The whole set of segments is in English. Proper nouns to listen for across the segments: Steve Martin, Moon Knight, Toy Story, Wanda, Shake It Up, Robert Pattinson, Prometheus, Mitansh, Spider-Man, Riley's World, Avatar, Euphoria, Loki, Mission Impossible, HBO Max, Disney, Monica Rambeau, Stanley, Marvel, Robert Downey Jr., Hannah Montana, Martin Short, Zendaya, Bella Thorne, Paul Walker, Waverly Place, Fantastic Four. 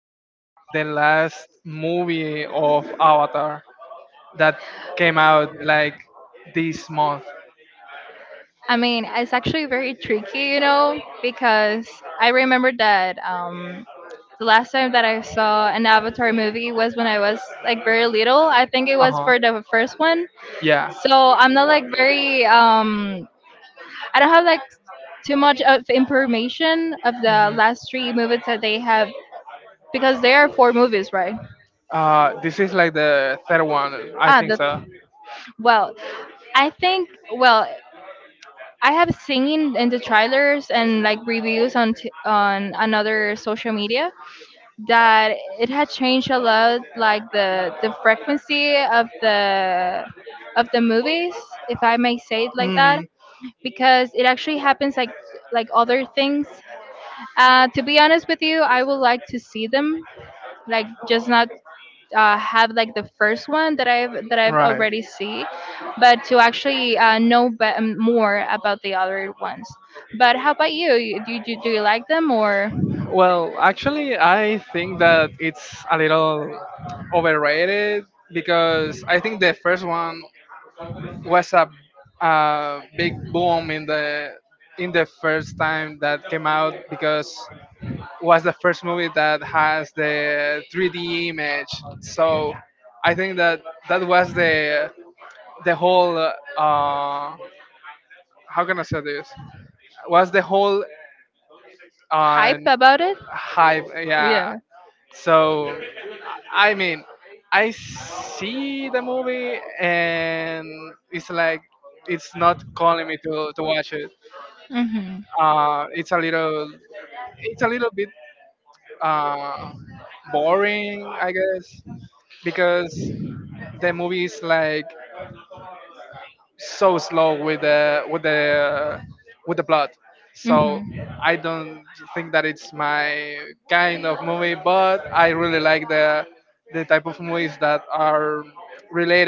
about the last movie of Avatar that came out like this month? I mean, it's actually very tricky, you know, because I remember that the last time that I saw an Avatar movie was when I was like very little. I think it Uh was huh. for the first one. Yeah. So I'm not like very, I don't have like too much of information of the Mhm. last three movies that they have because there are four movies, right? This is like the third one, I Ah, think the so. well, I think I have seen in the trailers and like reviews on on another social media that it had changed a lot, like the frequency of the movies, if I may say it like that, hmm because it actually happens like other things. To be honest with you, I would like to see them, like just not have like the first one that I've Right. already see, but to actually more about the other ones. But how about you? Do you like them or? Well, actually, I think that it's a little overrated because I think the first one was a big boom in the first time that came out because was the first movie that has the 3D image. So I think that that was the whole how can I say this was the whole uh, Hype about it? hype. Yeah. Yeah. So I mean, I see the movie and it's like it's not calling me to watch it. Hmm. It's a little it's a little bit uh, boring, I guess, because the movie is like so slow with the with the with the plot. So Mhm. I don't think that it's my kind of movie, but I really like the type of movies that are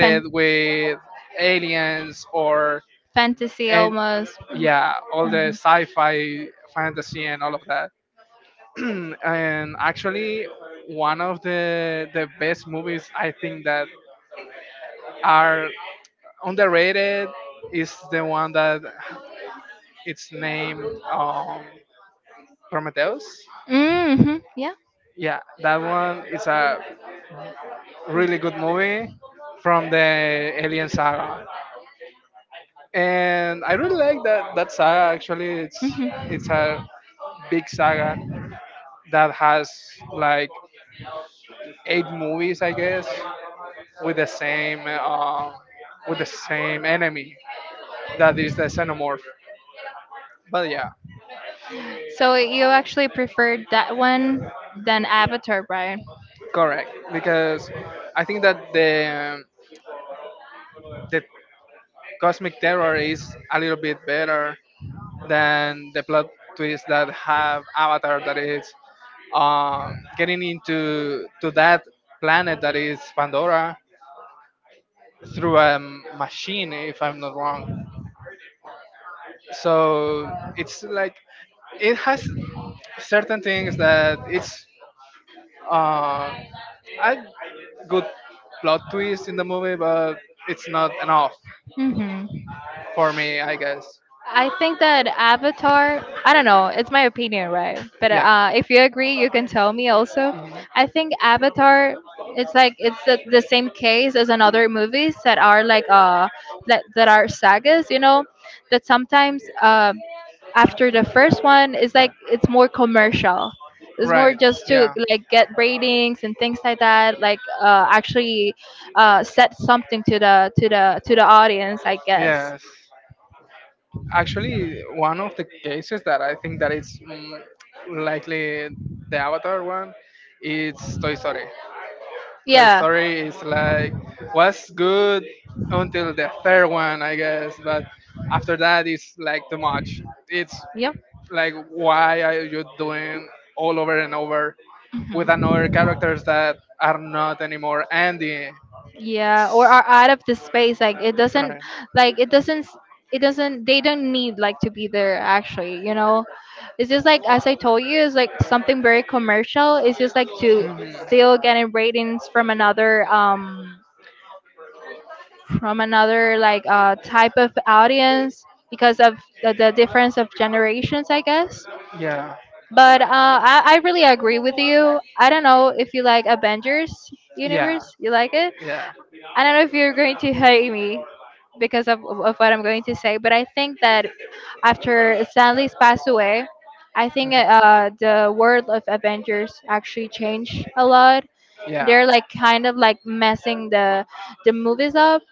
Fan- with aliens or Fantasy and almost. yeah, all the sci-fi, fantasy, and all of that. Mhm. And actually, one of the best movies I think that are underrated is the one that it's named um, Prometheus. Mm-hmm. Yeah. Yeah, that one is a really good movie from the Alien saga, and I really like that saga. Actually, Mhm. it's a big saga that has like 8 movies, I guess, with the same um, with the same enemy that is the xenomorph. But yeah, So you actually preferred that one than Avatar, right? correct because I think that the cosmic terror is a little bit better then the plot twists that have Avatar that is getting into to that planet that is Pandora through a machine, if I'm not wrong. So it's like it has certain things that it's uh, a good plot twist in the movie, but it's not enough Hmm. for me, I guess. I think that Avatar, I don't know, it's my opinion, right? But Yeah, if you agree, you can tell me also. I think Avatar, it's like it's the same case as in other movies that are like that are sagas, you know, that sometimes after the first one, it's like it's more commercial. It's more right. just to Yeah, like get ratings and things like that, like actually set something to the audience, I guess. yes. Actually one of the cases that I think that it's likely the Avatar one. It's Toy Story. Toy Yeah. Story is like was good until the third one, I guess, but after that it's like too much. It's Yep. like why are you doing all over and over with another Mhm. characters that are not anymore Andy, Yeah, or are out of the space like it doesn't right? like it doesn't it doesn't they don't need like to be there actually, you know, it's just like as I told you, it's like something very commercial. It's just like to Mhm. still getting ratings from another like type of audience because of the difference of generations, I guess. Yeah. But I really agree with you. I don't know if you like Avengers Yeah. universe. You like it? Yeah. I don't know if you're going to hate me because of what I'm going to say, but I think that after Stanley's passed away, I think the world of Avengers actually changed a lot. Yeah. They're like kind of like messing the movies up.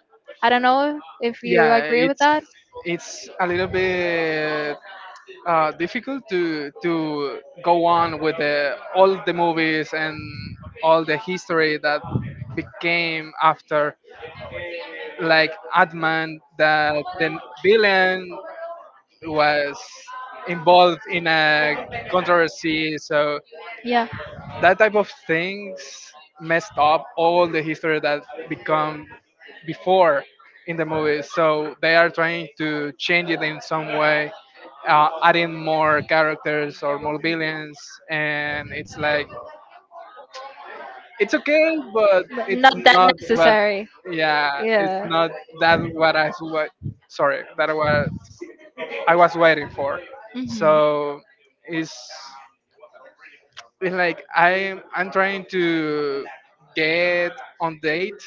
I don't know if you Yeah. agree with that. It's a little bit difficult to go on with the, all the movies and all the history that became after like Adman, that the villain was involved in a controversy. So that type of things messed up all the history that become before in the movie. So they are trying to change it in some way, adding more characters or more villains, and it's like it's okay, but But it's not that not what. necessary. Yeah, it's not that what I what. Sorry, that was I was waiting for. Hmm. So it's it's like I'm trying to get on date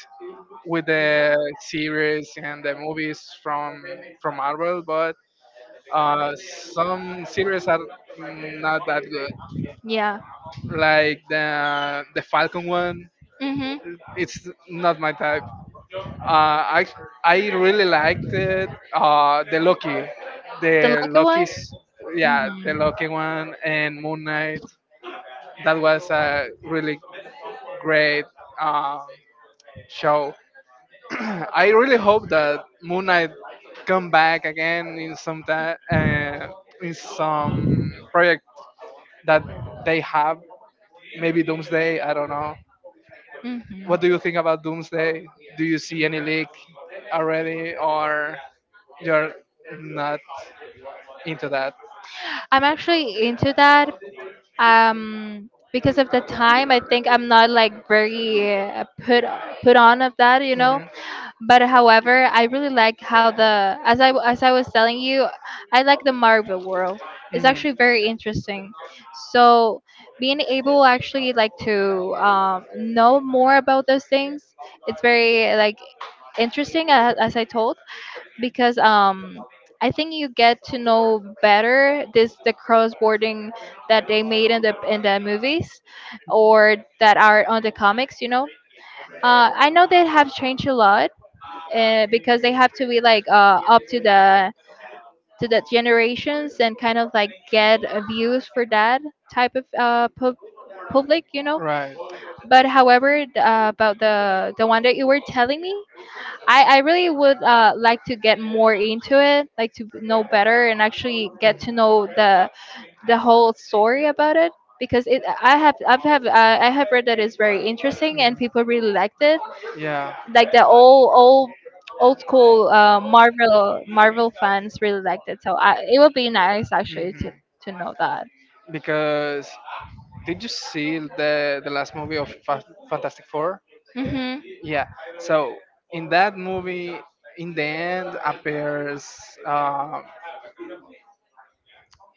with the series and the movies from Marvel, but uh, some series are not that good. Yeah. Like the Falcon one, it's not my type. Uh, I I really Hmm. liked it. The Loki, The the lucky ones? Loki's, yeah, the Loki one and Moon Knight. That was a really great um, show. I really hope that Moon Knight come back again in some time, in some project that they have. Maybe Doomsday. I don't know. Hmm. What do you Hmm. think about Doomsday? Do you see any leak already, or you're not into that? I'm actually into that, because of the time I think I'm not like very put on of that, you know. Mhm. But however, I really like how the as I was telling you, I like the Marvel world. It's actually very interesting, so being able actually like to know more about those things, it's very like interesting as I told because I think you get to know better this the cross boarding that they made in the movies or that are on the comics, you know. I know they have changed a lot because they have to be like up to the generations and kind of like get views for that type of public, you Mhm. know. Right. But however, about the one that you were telling me, I really would like to get more into it, like to know better and actually get Mhm. to know the whole story about it because it I have I've have I have read that it's very interesting and Mhm. people really liked it. Yeah. Like the old old school Marvel fans really liked it. So it would be nice actually hmm to know that. Because did you see the last movie of Fantastic Four? Mhm. Yeah. So in that movie, in the end appears. Um,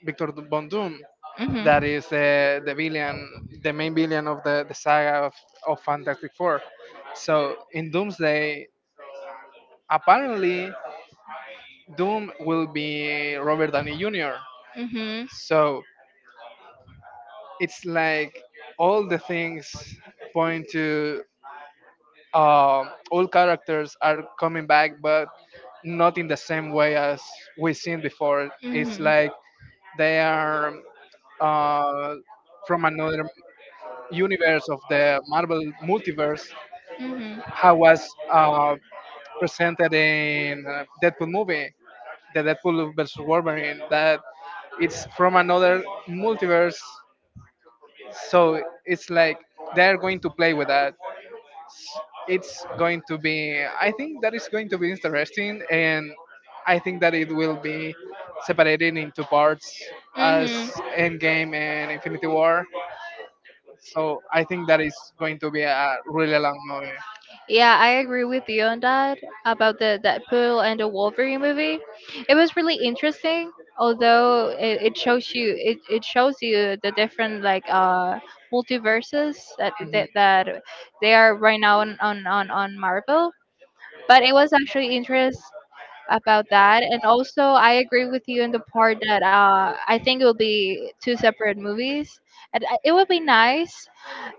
Victor Von Doom, that is the villain, the main villain of the saga of Fantastic Four. So in Doomsday, apparently Doom will be Robert Downey Jr. So it's like all the things point to uh, all characters are coming back, but not in the same way as we've seen before. It's like they are uh, from another universe of the Marvel multiverse how was uh, presented in Deadpool movie, the Deadpool versus Wolverine, that it's from another multiverse. So it's like they're going to play with that. It's going to be, I think that is going to be interesting, and I think that it will be separated into parts as Endgame and Infinity War. So I think that is going to be a really long movie. Yeah, I agree with you on that about the Deadpool and the Wolverine movie. It was really interesting, although it shows you it shows you the different like multiverses Mhm. That they are right now on Marvel. But it was actually interest about that, and also I agree with you in the part that I think it will be two separate movies, and it would be nice.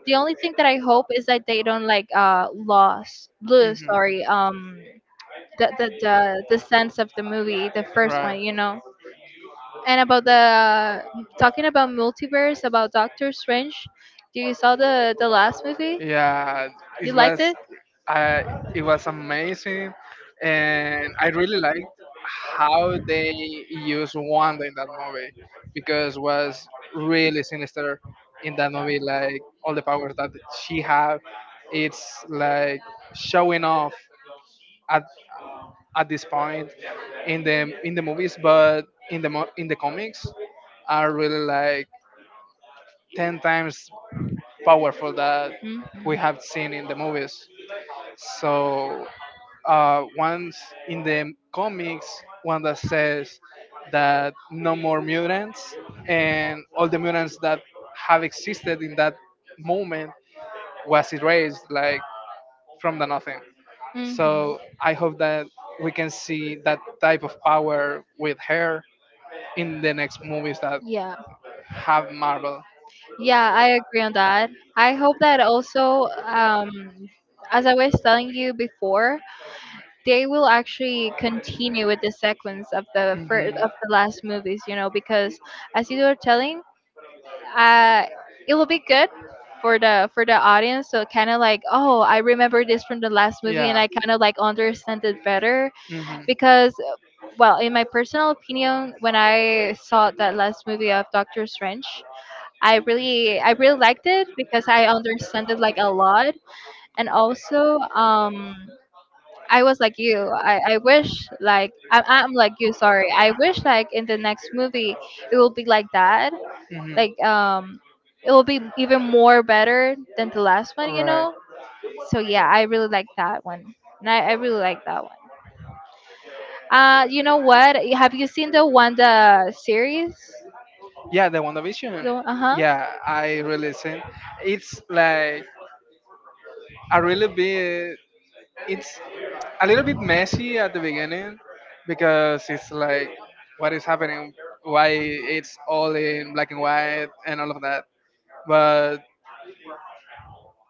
The only thing that I hope is that they don't like lost lose, Mhm. sorry, the sense of the movie the first one, you know. And about the talking about multiverse about Doctor Strange, do you saw the last movie? Yeah, You it liked was it? uh, it was amazing, and I really liked how they used Wanda in that movie because was really sinister in that movie. Like all the powers that she have, it's like showing off at at this point in the movies, but in the in the comics are really like 10 times powerful that Hmm. we have seen in the movies. So once in the comics, one that says that no more mutants, and all the mutants that have existed in that moment was erased, like from the nothing. Mhm. So I hope that we can see that type of power with her in the next movies that Yeah, have marble. yeah, I agree on that. I hope that also, as I was telling you before, they will actually continue with the sequence of the first Mhm. of the last movies, you know, because as you were telling, uh, it will be good for the audience. So kind of like, oh, I remember this from the last movie and Yeah. I kind of like understand it better. Mhm. Because well, in my personal opinion when I saw that last movie of Doctor Strange, I really liked it because I understand it like a lot. And also I was like you. I wish like I'm like you. Sorry. I wish like in the next movie it will be like that, hmm like it will be even more better than the last one, you Right. know. So yeah, I really like that one. And I really like that one. Uh, you know what, have you seen the Wanda series? Yeah, the WandaVision. Uh-huh. Yeah, I really seen. It's like a really big it's a little bit messy at the beginning because it's like what is happening, why it's all in black and white and all of that, but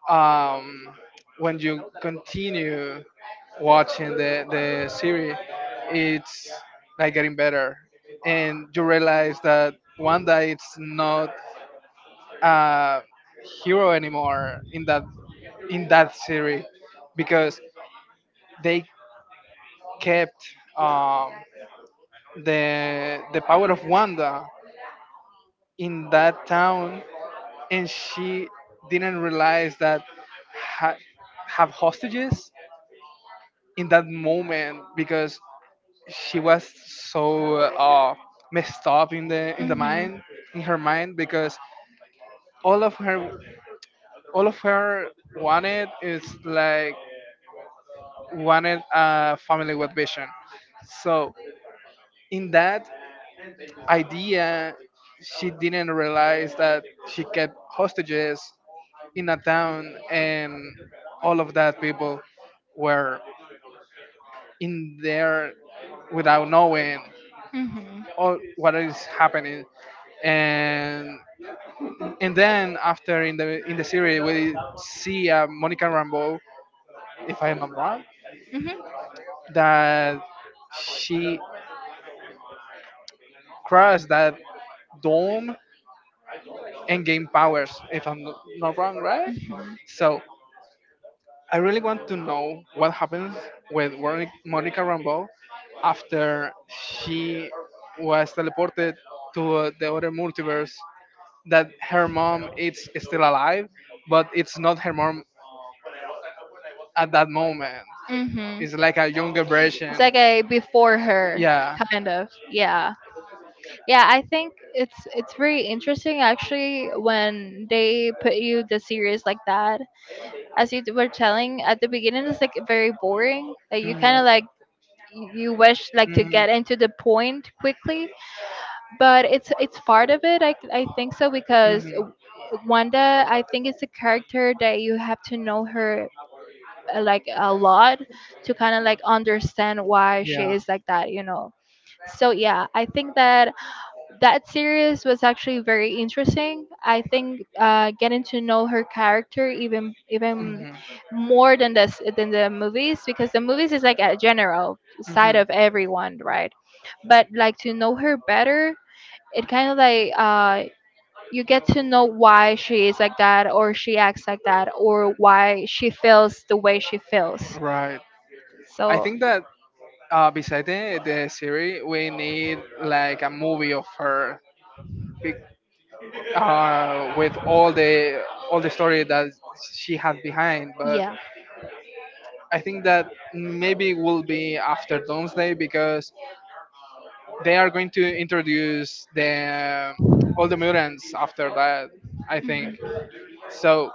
um when you continue watching the series, it's like getting better and you realize that That one one day it's night, not a you hero are in anymore love. That's in that series because because they the kept um the power power of of one. Wanda in That that power town, and is she you. didn't realize that ha- have hostages in that moment because she was so messed up in the in Mhm. the Mhm. mind in her mind because all of her all of her wanted is like wanted a family with vision, so in that idea she didn't realize that she kept hostages in a town and all of that people were in there without knowing Mhm. Mhm. all what is happening. and and then after in the series we see Monica Rambeau, if I am not wrong, that she crossed that dome and gained powers, if I'm not wrong, right? So I really want to know what happens with Monica Rambeau after she was teleported to the other multiverse. That her mom is still alive, but it's not her mom at that moment. Mhm. It's like a younger It's version. like a before her Yeah. kind of. Yeah. Yeah, I think it's very interesting actually when they put you the series like that. As you were telling at the beginning, it's like very boring. Like you kind Mhm. of like you wish like to Mhm. get into the point quickly, but it's part of it. I think so because hmm Wanda, I think it's a character that you have to know her like a lot to kind of like understand why she Yeah. is like that, you know. So hmm yeah, I think that that series was actually very interesting. I think getting to know her character even even hmm more than this than the movies because the movies is like a general side of everyone, right? But like to know her better, it kind of like you get to know why she is like that, or she acts like that, or why she feels the way she feels. Right. I So think that beside the series, we need like a movie of her. With all the story that she had behind. But I think that maybe will be after Doomsday because they are going to introduce the all the mutants after that. I think so.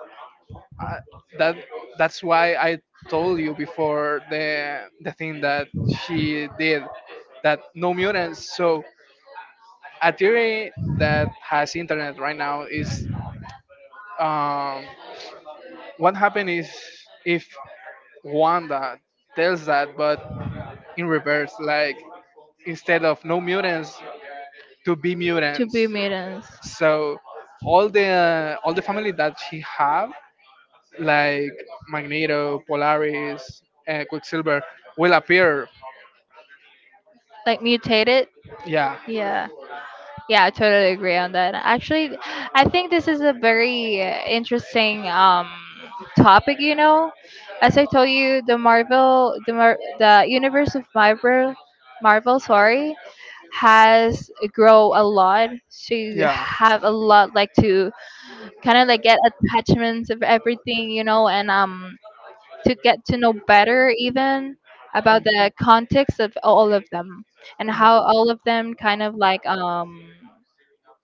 Uh, that that's why I told you before the thing that she did that no mutants. So a theory that has internet right now is um, what happened is if Wanda tells that, but in reverse, like instead of no mutants to be to mutants. be maidens. So all the family that she have, like Magneto, Polaris, Quicksilver, will appear. Like mutate it, Yeah, yeah. Yeah, I totally agree on that. Actually, I think this is a very interesting topic, you know. As I told you, the the universe of sorry, has grow a lot. So you yeah, have a lot like to kind of like get attachments of everything, you know, and to get to know better even about Mm, the context of all of them and mm, how all of them kind of like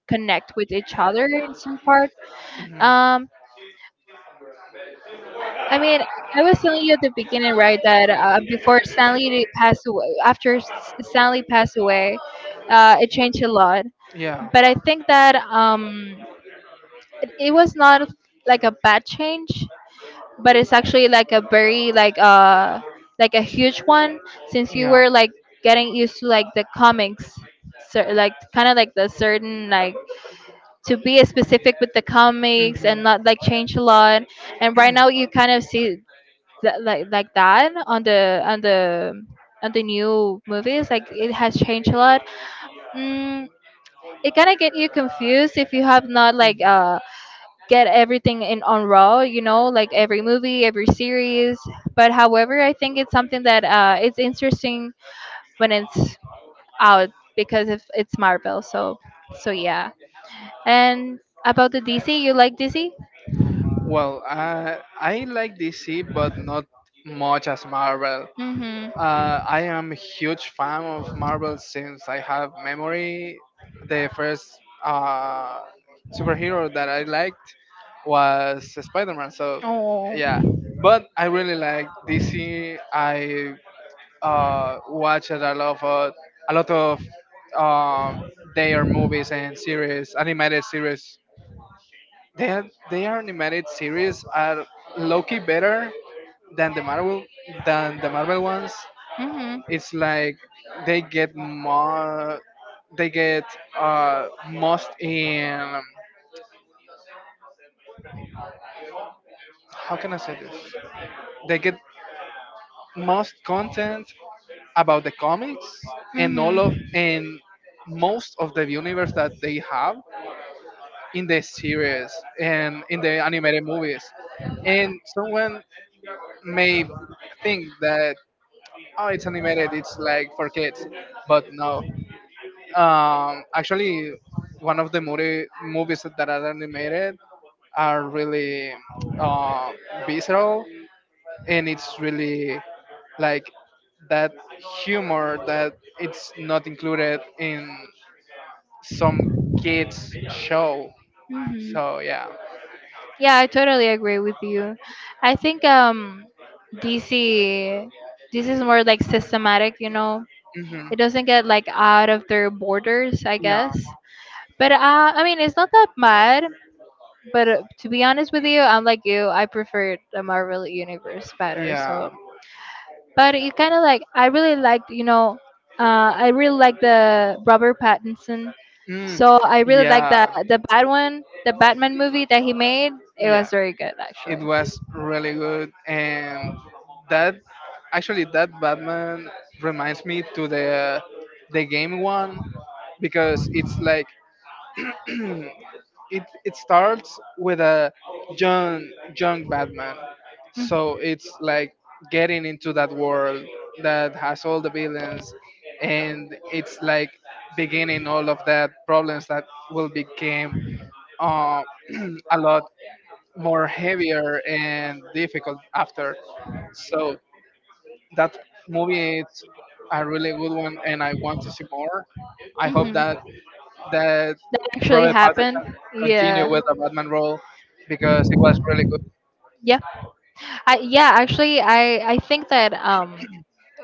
connect with each other in some part. Um, I mean, I was telling you at the beginning, right, that before Stanley passed away, after Stanley passed away, it changed a lot. yeah, But I think that it was not like a bad change. But it's actually like a very like a huge one since you Yeah. were like getting used to like the comics cer like kind of like the certain like to be specific with the comics hmm and not like change a lot. And right now you kind of see that like that on the on the on the new movies, like it has changed a lot. Mm, it kind of get you confused if you have not like get everything in on raw, you know, like every movie every series. But however, I think it's something that it's interesting when it's out because if it's Marvel, so so yeah. And about the DC, you like DC? Well, I like DC, but not much as Marvel. Mm-hmm. I am a huge fan of Marvel since I have memory. The first uh, superhero that I liked was Spider-Man. So Oh. yeah, but I really like DC. I Watched a lot of uh, their movies and series, animated series. They are, their animated series are low-key better than the Marvel than the Marvel ones. It's like they get more they get most in how can I say this, they get most content about the comics and all of and most of the universe that they have in the series and in the animated movies. And someone may think that, oh it's animated it's like for kids, but no. Actually, one of the movies that are animated are really uh, visceral, and it's really like that humor that it's not included in some kids show. Hmm. So yeah. Yeah, I totally agree with you. I think DC this is more like systematic, you know. hmm It doesn't get like out of their borders, I Yeah. guess. But I mean, it's not that bad. But to be honest with you, I'm like you. I prefer the Marvel universe better. Yeah. So, but you kind of like I really liked, you know, I really like the Robert Pattinson. Mm. So I really like Yeah. The Batman movie that he made. It Yeah. was very good, It actually. was really good, and that actually that batman reminds me to the game one because it's like it it starts with a young young batman so it's like getting into that world that has all the villains. And it's like beginning all of that problems that will become uh, a lot more heavier and difficult after. So that movie is a really good one, and I want to see more. I hope Hmm. that that That actually Robert happened. Pattinson continue Yeah. with the Batman role because it was really good. Yep. I yeah, actually, I think that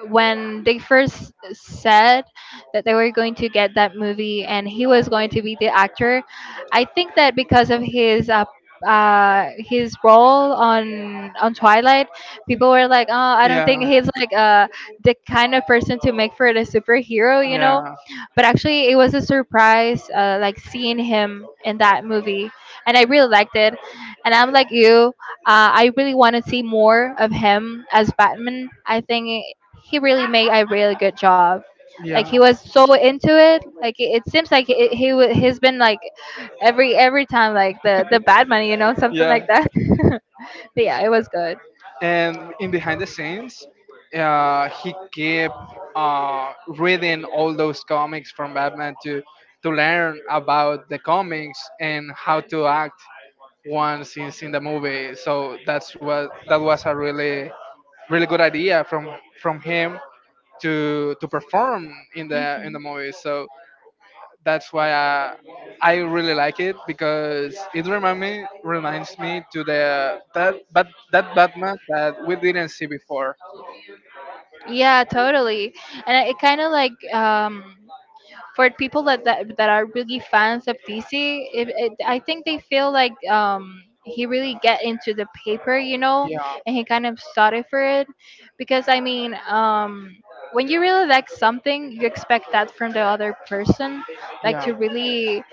when they first said that they were going to get that movie and he was going to be the actor, I think that because of his his role on Twilight, people were like, oh, I don't think Yeah, he's like the kind of person to make for the superhero. yeah, But actually, it was a surprise, like seeing him in that movie, and I really liked it. And I'm like you, I really want to see more of him as Batman. I think he really made a really good job. Like yeah. he was so into it. Like it seems like it, he's been like every time like the the Batman, something like Yeah, that. But yeah, it was good. and in behind the scenes he kept uh, reading all those comics from batman to learn about the comics and how to act once he's in the movie, so that was a really really good idea from him to perform in the Hmm. movie. So that's why I really like it because it reminds me to the that Batman that we didn't see before. Yeah, totally. And it kind of like for people that are really fans of DC, I think they feel like he really get into the paper, Yeah. and he kind of started for it, because I mean, when you really like something, you expect that from the other person, like Yeah. to really,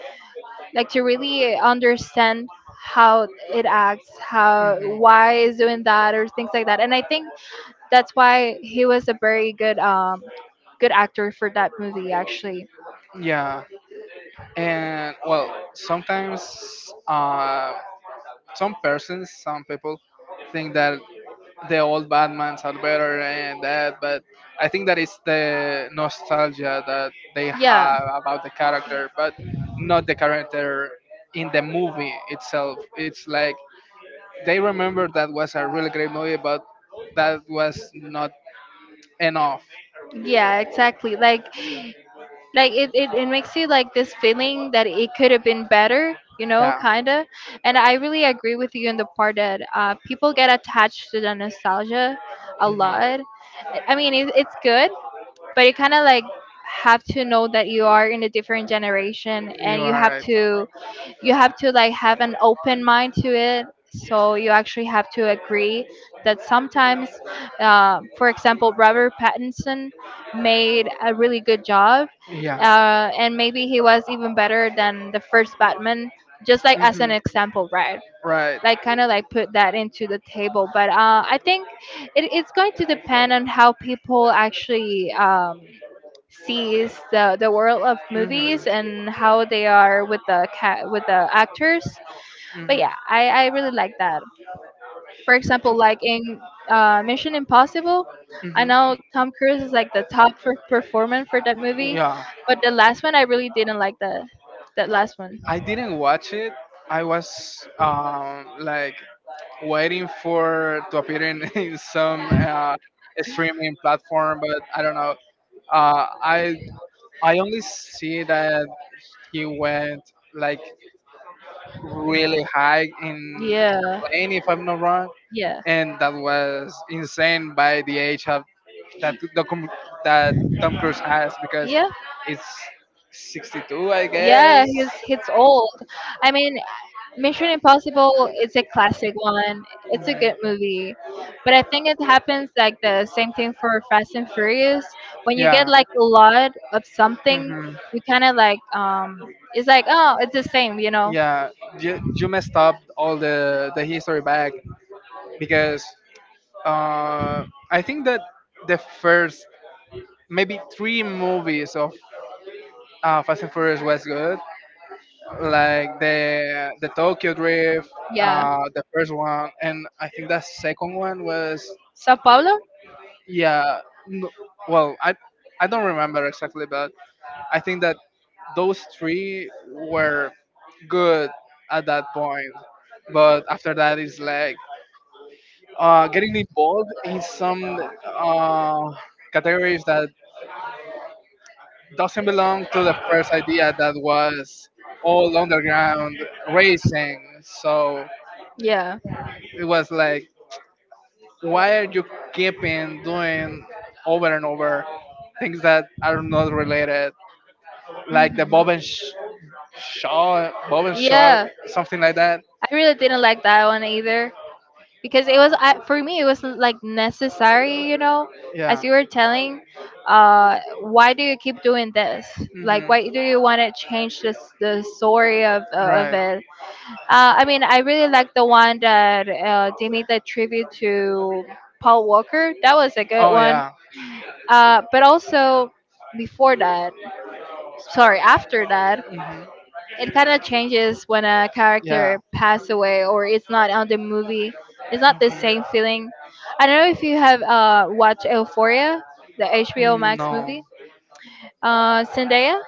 like to really understand how it acts, how why is doing that or things like that, and I think that's why he was a very good good actor for that movie actually. Yeah. And well, sometimes some people think that the old Batmans are better and that, but I think that it's the nostalgia that they Yeah. have about the character, but not the character in the movie itself. It's like they remember that was a really great movie, but that was not enough. Yeah, exactly. Like it makes you like this feeling that it could have been better, Yeah, kinda. And I really agree with you in the part that people get attached to the nostalgia a lot. hmm I mean, it's good, but you kind of like have to know that you are in a different generation you're and right. You have to like have an open mind to it so you actually have to agree that sometimes for example Robert Pattinson made a really good job Yeah, and maybe he was even better than the first Batman just like as an hmm example right right. like kind of like put that into the table but I think it's going to depend on how people actually sees the world of hmm movies and how they are with the cat with the actors but hmm yeah I really like that for example like in Mission Impossible I hmm know Tom Cruise is like the performer for that movie Yeah. but the last one I really didn't like the that last one. I didn't watch it. I was like waiting for to appear in, in some streaming platform, but I don't know. Uh, I I only see that he went like really high in Yeah, a plane, if I'm not wrong, yeah, and that was insane by the age of that the, com- that Tom Cruise has because yeah. it's 62, I Yeah, guess. He's old. I mean, Mission Impossible is a classic one. Mhm. It's a good movie. But I think it happens like the same thing for Fast and Furious. When you get Yeah. like a lot of something, hmm you kind of like it's like, oh, it's the same, you know. Yeah, you messed up all the history back because Uh, I think that the first maybe three movies of Fast and Furious was good, like the Tokyo Drift, Yeah. The first one, and I think the second one was Sao Paulo? yeah. No, well, I don't remember exactly, but I think that those three were good at that point. But after that, it's like getting involved in some uh, categories that doesn't belong to the first idea that was all underground racing. So Yeah. it was like, why are you keeping doing over and over things that are not related, like the Hmm. Shaw, Bob and Shaw, Yeah. something like that? I really didn't like that one either, because it was I, for me it was like necessary you know as Yeah. you were telling why do you keep doing this like hmm why do you want to change this the story of Right. it. uh I mean I really like the one that they made the tribute to Paul Walker, that was a good Oh one. yeah. But also before that, sorry, after that, hmm it kind of changes when a Yeah. character pass away or it's not on the movie. It's not the same hmm feeling. I don't know if you have watched Euphoria, the HBO Max No. movie. Zendaya,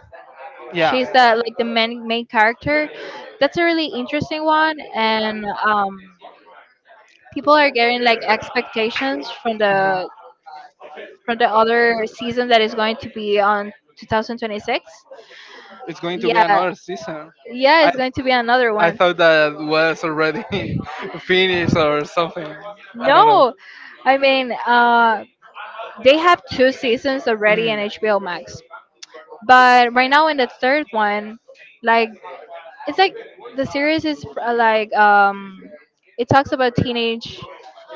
Yeah. she's the like the main character. That's a really interesting one, and people are getting like expectations hmm from the other season that is going to be on 2026. It's going to be Yeah, another season. yeah, I it's going to be another I one. thought that was already finished or something. I don't know. No, I mean, they have two seasons already in Mm. HBO Max, but right now in the third one, like it's like the series is like it talks about teenage,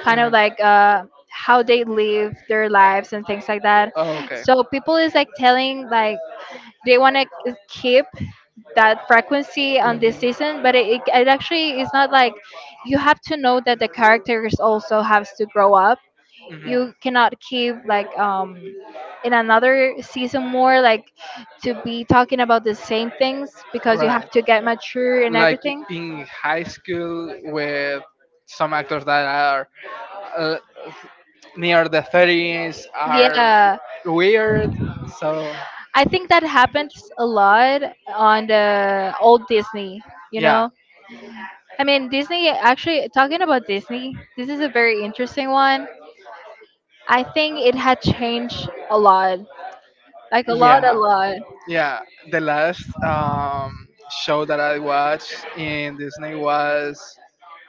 kind Mm. of like how they live their lives and things like that. Oh, okay. So people is like telling like they want to keep that frequency on this Mhm. season, but it it actually is not like you have to know that the characters also has to grow up. Mhm. You cannot keep like in another season more like to be talking about the same things because you have Right. to get mature and Like everything. in high school with some actors that are uh, near the 30s are Yeah, weird, so I think that happens a lot on the old Disney, you yeah, know. I mean Disney, actually talking about Disney, this is a very interesting one. I think it had changed a lot, like a lot a yeah, lot. yeah, the last show that I watched in disney was,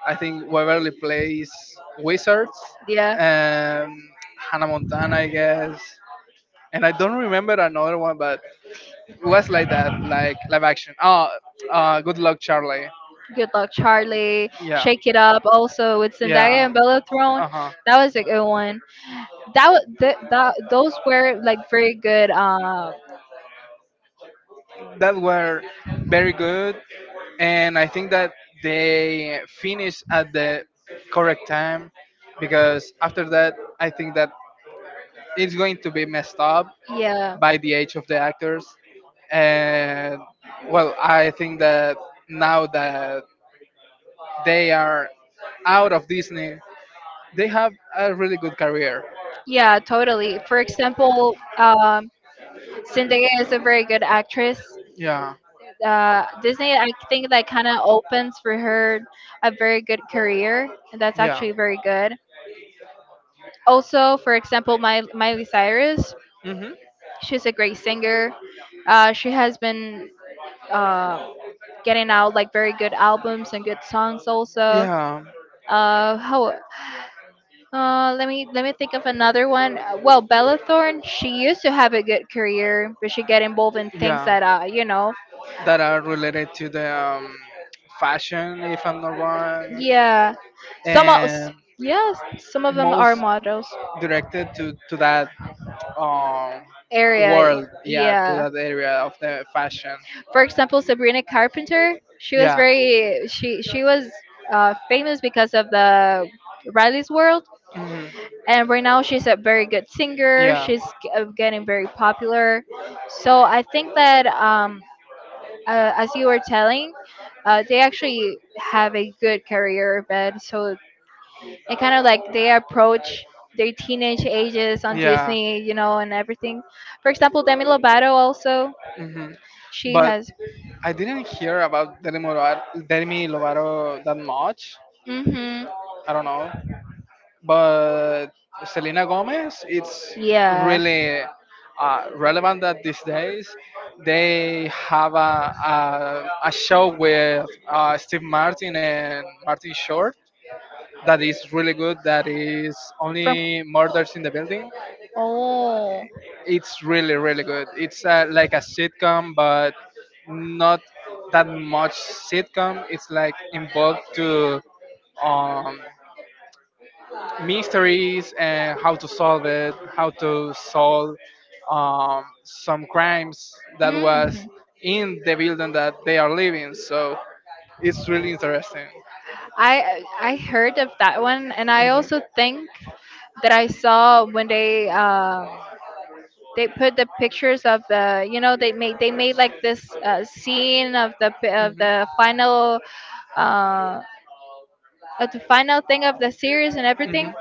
I think, waverly place wizards Yeah. and hannah montana, I guess, and I don't remember another one, but it was like that, like live action, oh, good luck charlie, Good Luck Charlie, yeah. Shake It Up, also with Yeah. Zendaya and Bella Thorne. Uh huh. That was a good one. That those were like very good. That were very good, and I think that they finished at the correct time because after that, I think that it's going to be messed up Yeah, by the age of the actors, and well, I think that now that they are out of Disney, they have a really good career. yeah, totally. For example, Zendaya is a very good actress. Yeah. Disney, I think that kind of opens for her a very good career, and that's Yeah. actually very good. Also, for example, my Miley Cyrus, Mhm. she's a great singer. She has been. Um, Getting out like very good albums and good songs also. Yeah. How? Let me let me think of another one. Well, Bella Thorne, she used to have a good career, but she got involved in things Yeah. that you know, That are related to the fashion, if I'm not wrong, yeah, some of and yes, some of them are most models directed to that um, area. world, yeah, to Yeah, that area of the fashion, for example, Sabrina Carpenter, she was yeah, very she was famous because of the Riley's World, hmm and right now she's a very good singer, yeah, getting very popular, so I think that as you were telling, they actually have a good career but so it kind of like they approach their teenage ages on yeah. Disney, you know, and everything. For example, Demi Lovato also, hmm she But has. I didn't hear about Demi Lovato that much. Hmm. I don't know. But Selena Gomez, it's Yeah. really relevant that these days they have a show with Steve Martin and Martin Short that is really good. That is From. only Murders in the Building. Oh. It's really really good. It's like a sitcom, but not that much sitcom. It's like involved to um, mysteries and how to solve it, how to solve some crimes that was Mm. in the building that they are living. So it's really interesting. I heard of that one, and I Mhm. also think that I saw when they put the pictures of the you know they made like this scene of uh of the final thing of the series and Mhm. everything,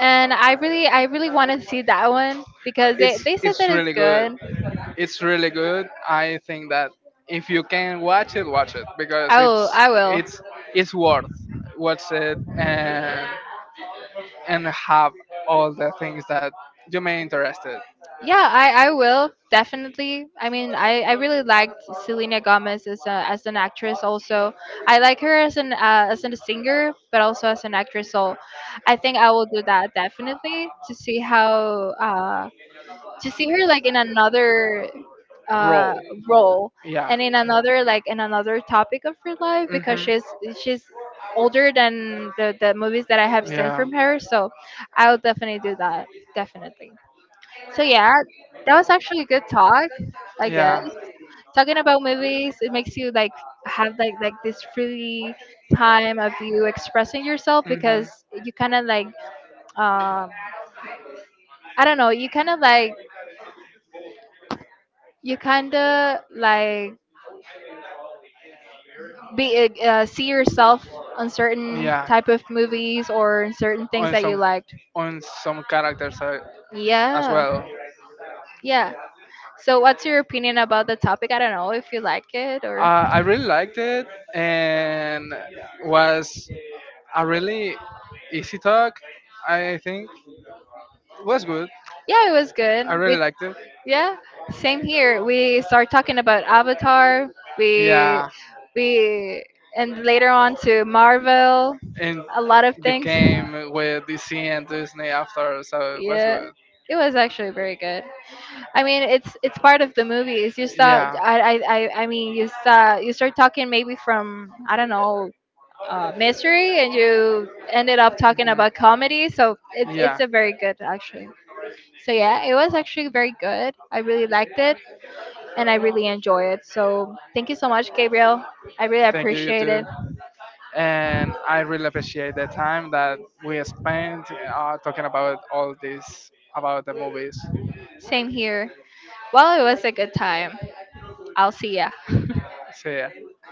and I really want to see that one Mhm. because It's they said it's that it's really good. good. It's really good. I think that if you can watch it because Oh, I will. it's it's worth watch it and have all the things that you may interested. Yeah, I will definitely. I mean, I really liked Selena Gomez as as an actress. Also, I like her as an as a singer, but also as an actress. So, I think I will do that definitely to see how to see her like in another uh Roll, role yeah. and in another like in another topic of her life because hmm she's older than the movies that I have seen Yeah. from her. So, I'll definitely do that. Definitely. So yeah, that was actually a good talk, I guess. Yeah. Talking about movies, it makes you like have like this free time of you expressing yourself Mhm. because you kind of like um I don't know, you kind of like be see yourself on certain Yeah. type of movies or in certain things On that you some liked. on some characters as Yeah. well. Yeah. So what's your opinion about the topic? I don't know if you like it or. I really liked it and was a really easy talk, I think. It was good. Yeah, it was good. I really We. liked it. Yeah, same here. We start talking about Avatar. We Yeah, we and later on to Marvel, and a lot of things. became with DC and Disney after, so it was Yeah, good. it was actually very good. I mean, it's part of the movies. You start. Yeah. I mean, you start talking maybe from I don't know mystery, and you ended up talking Mhm. about comedy. So it's Yeah. a very good actually. So yeah, it was actually very good. I really liked it, and I really enjoy it. So thank you so much, Gabriel. I really Thank you, you appreciate too. it. And I really appreciate the time that we spent talking about all this about the movies. Same here. Well, it was a good time. I'll see ya. See ya.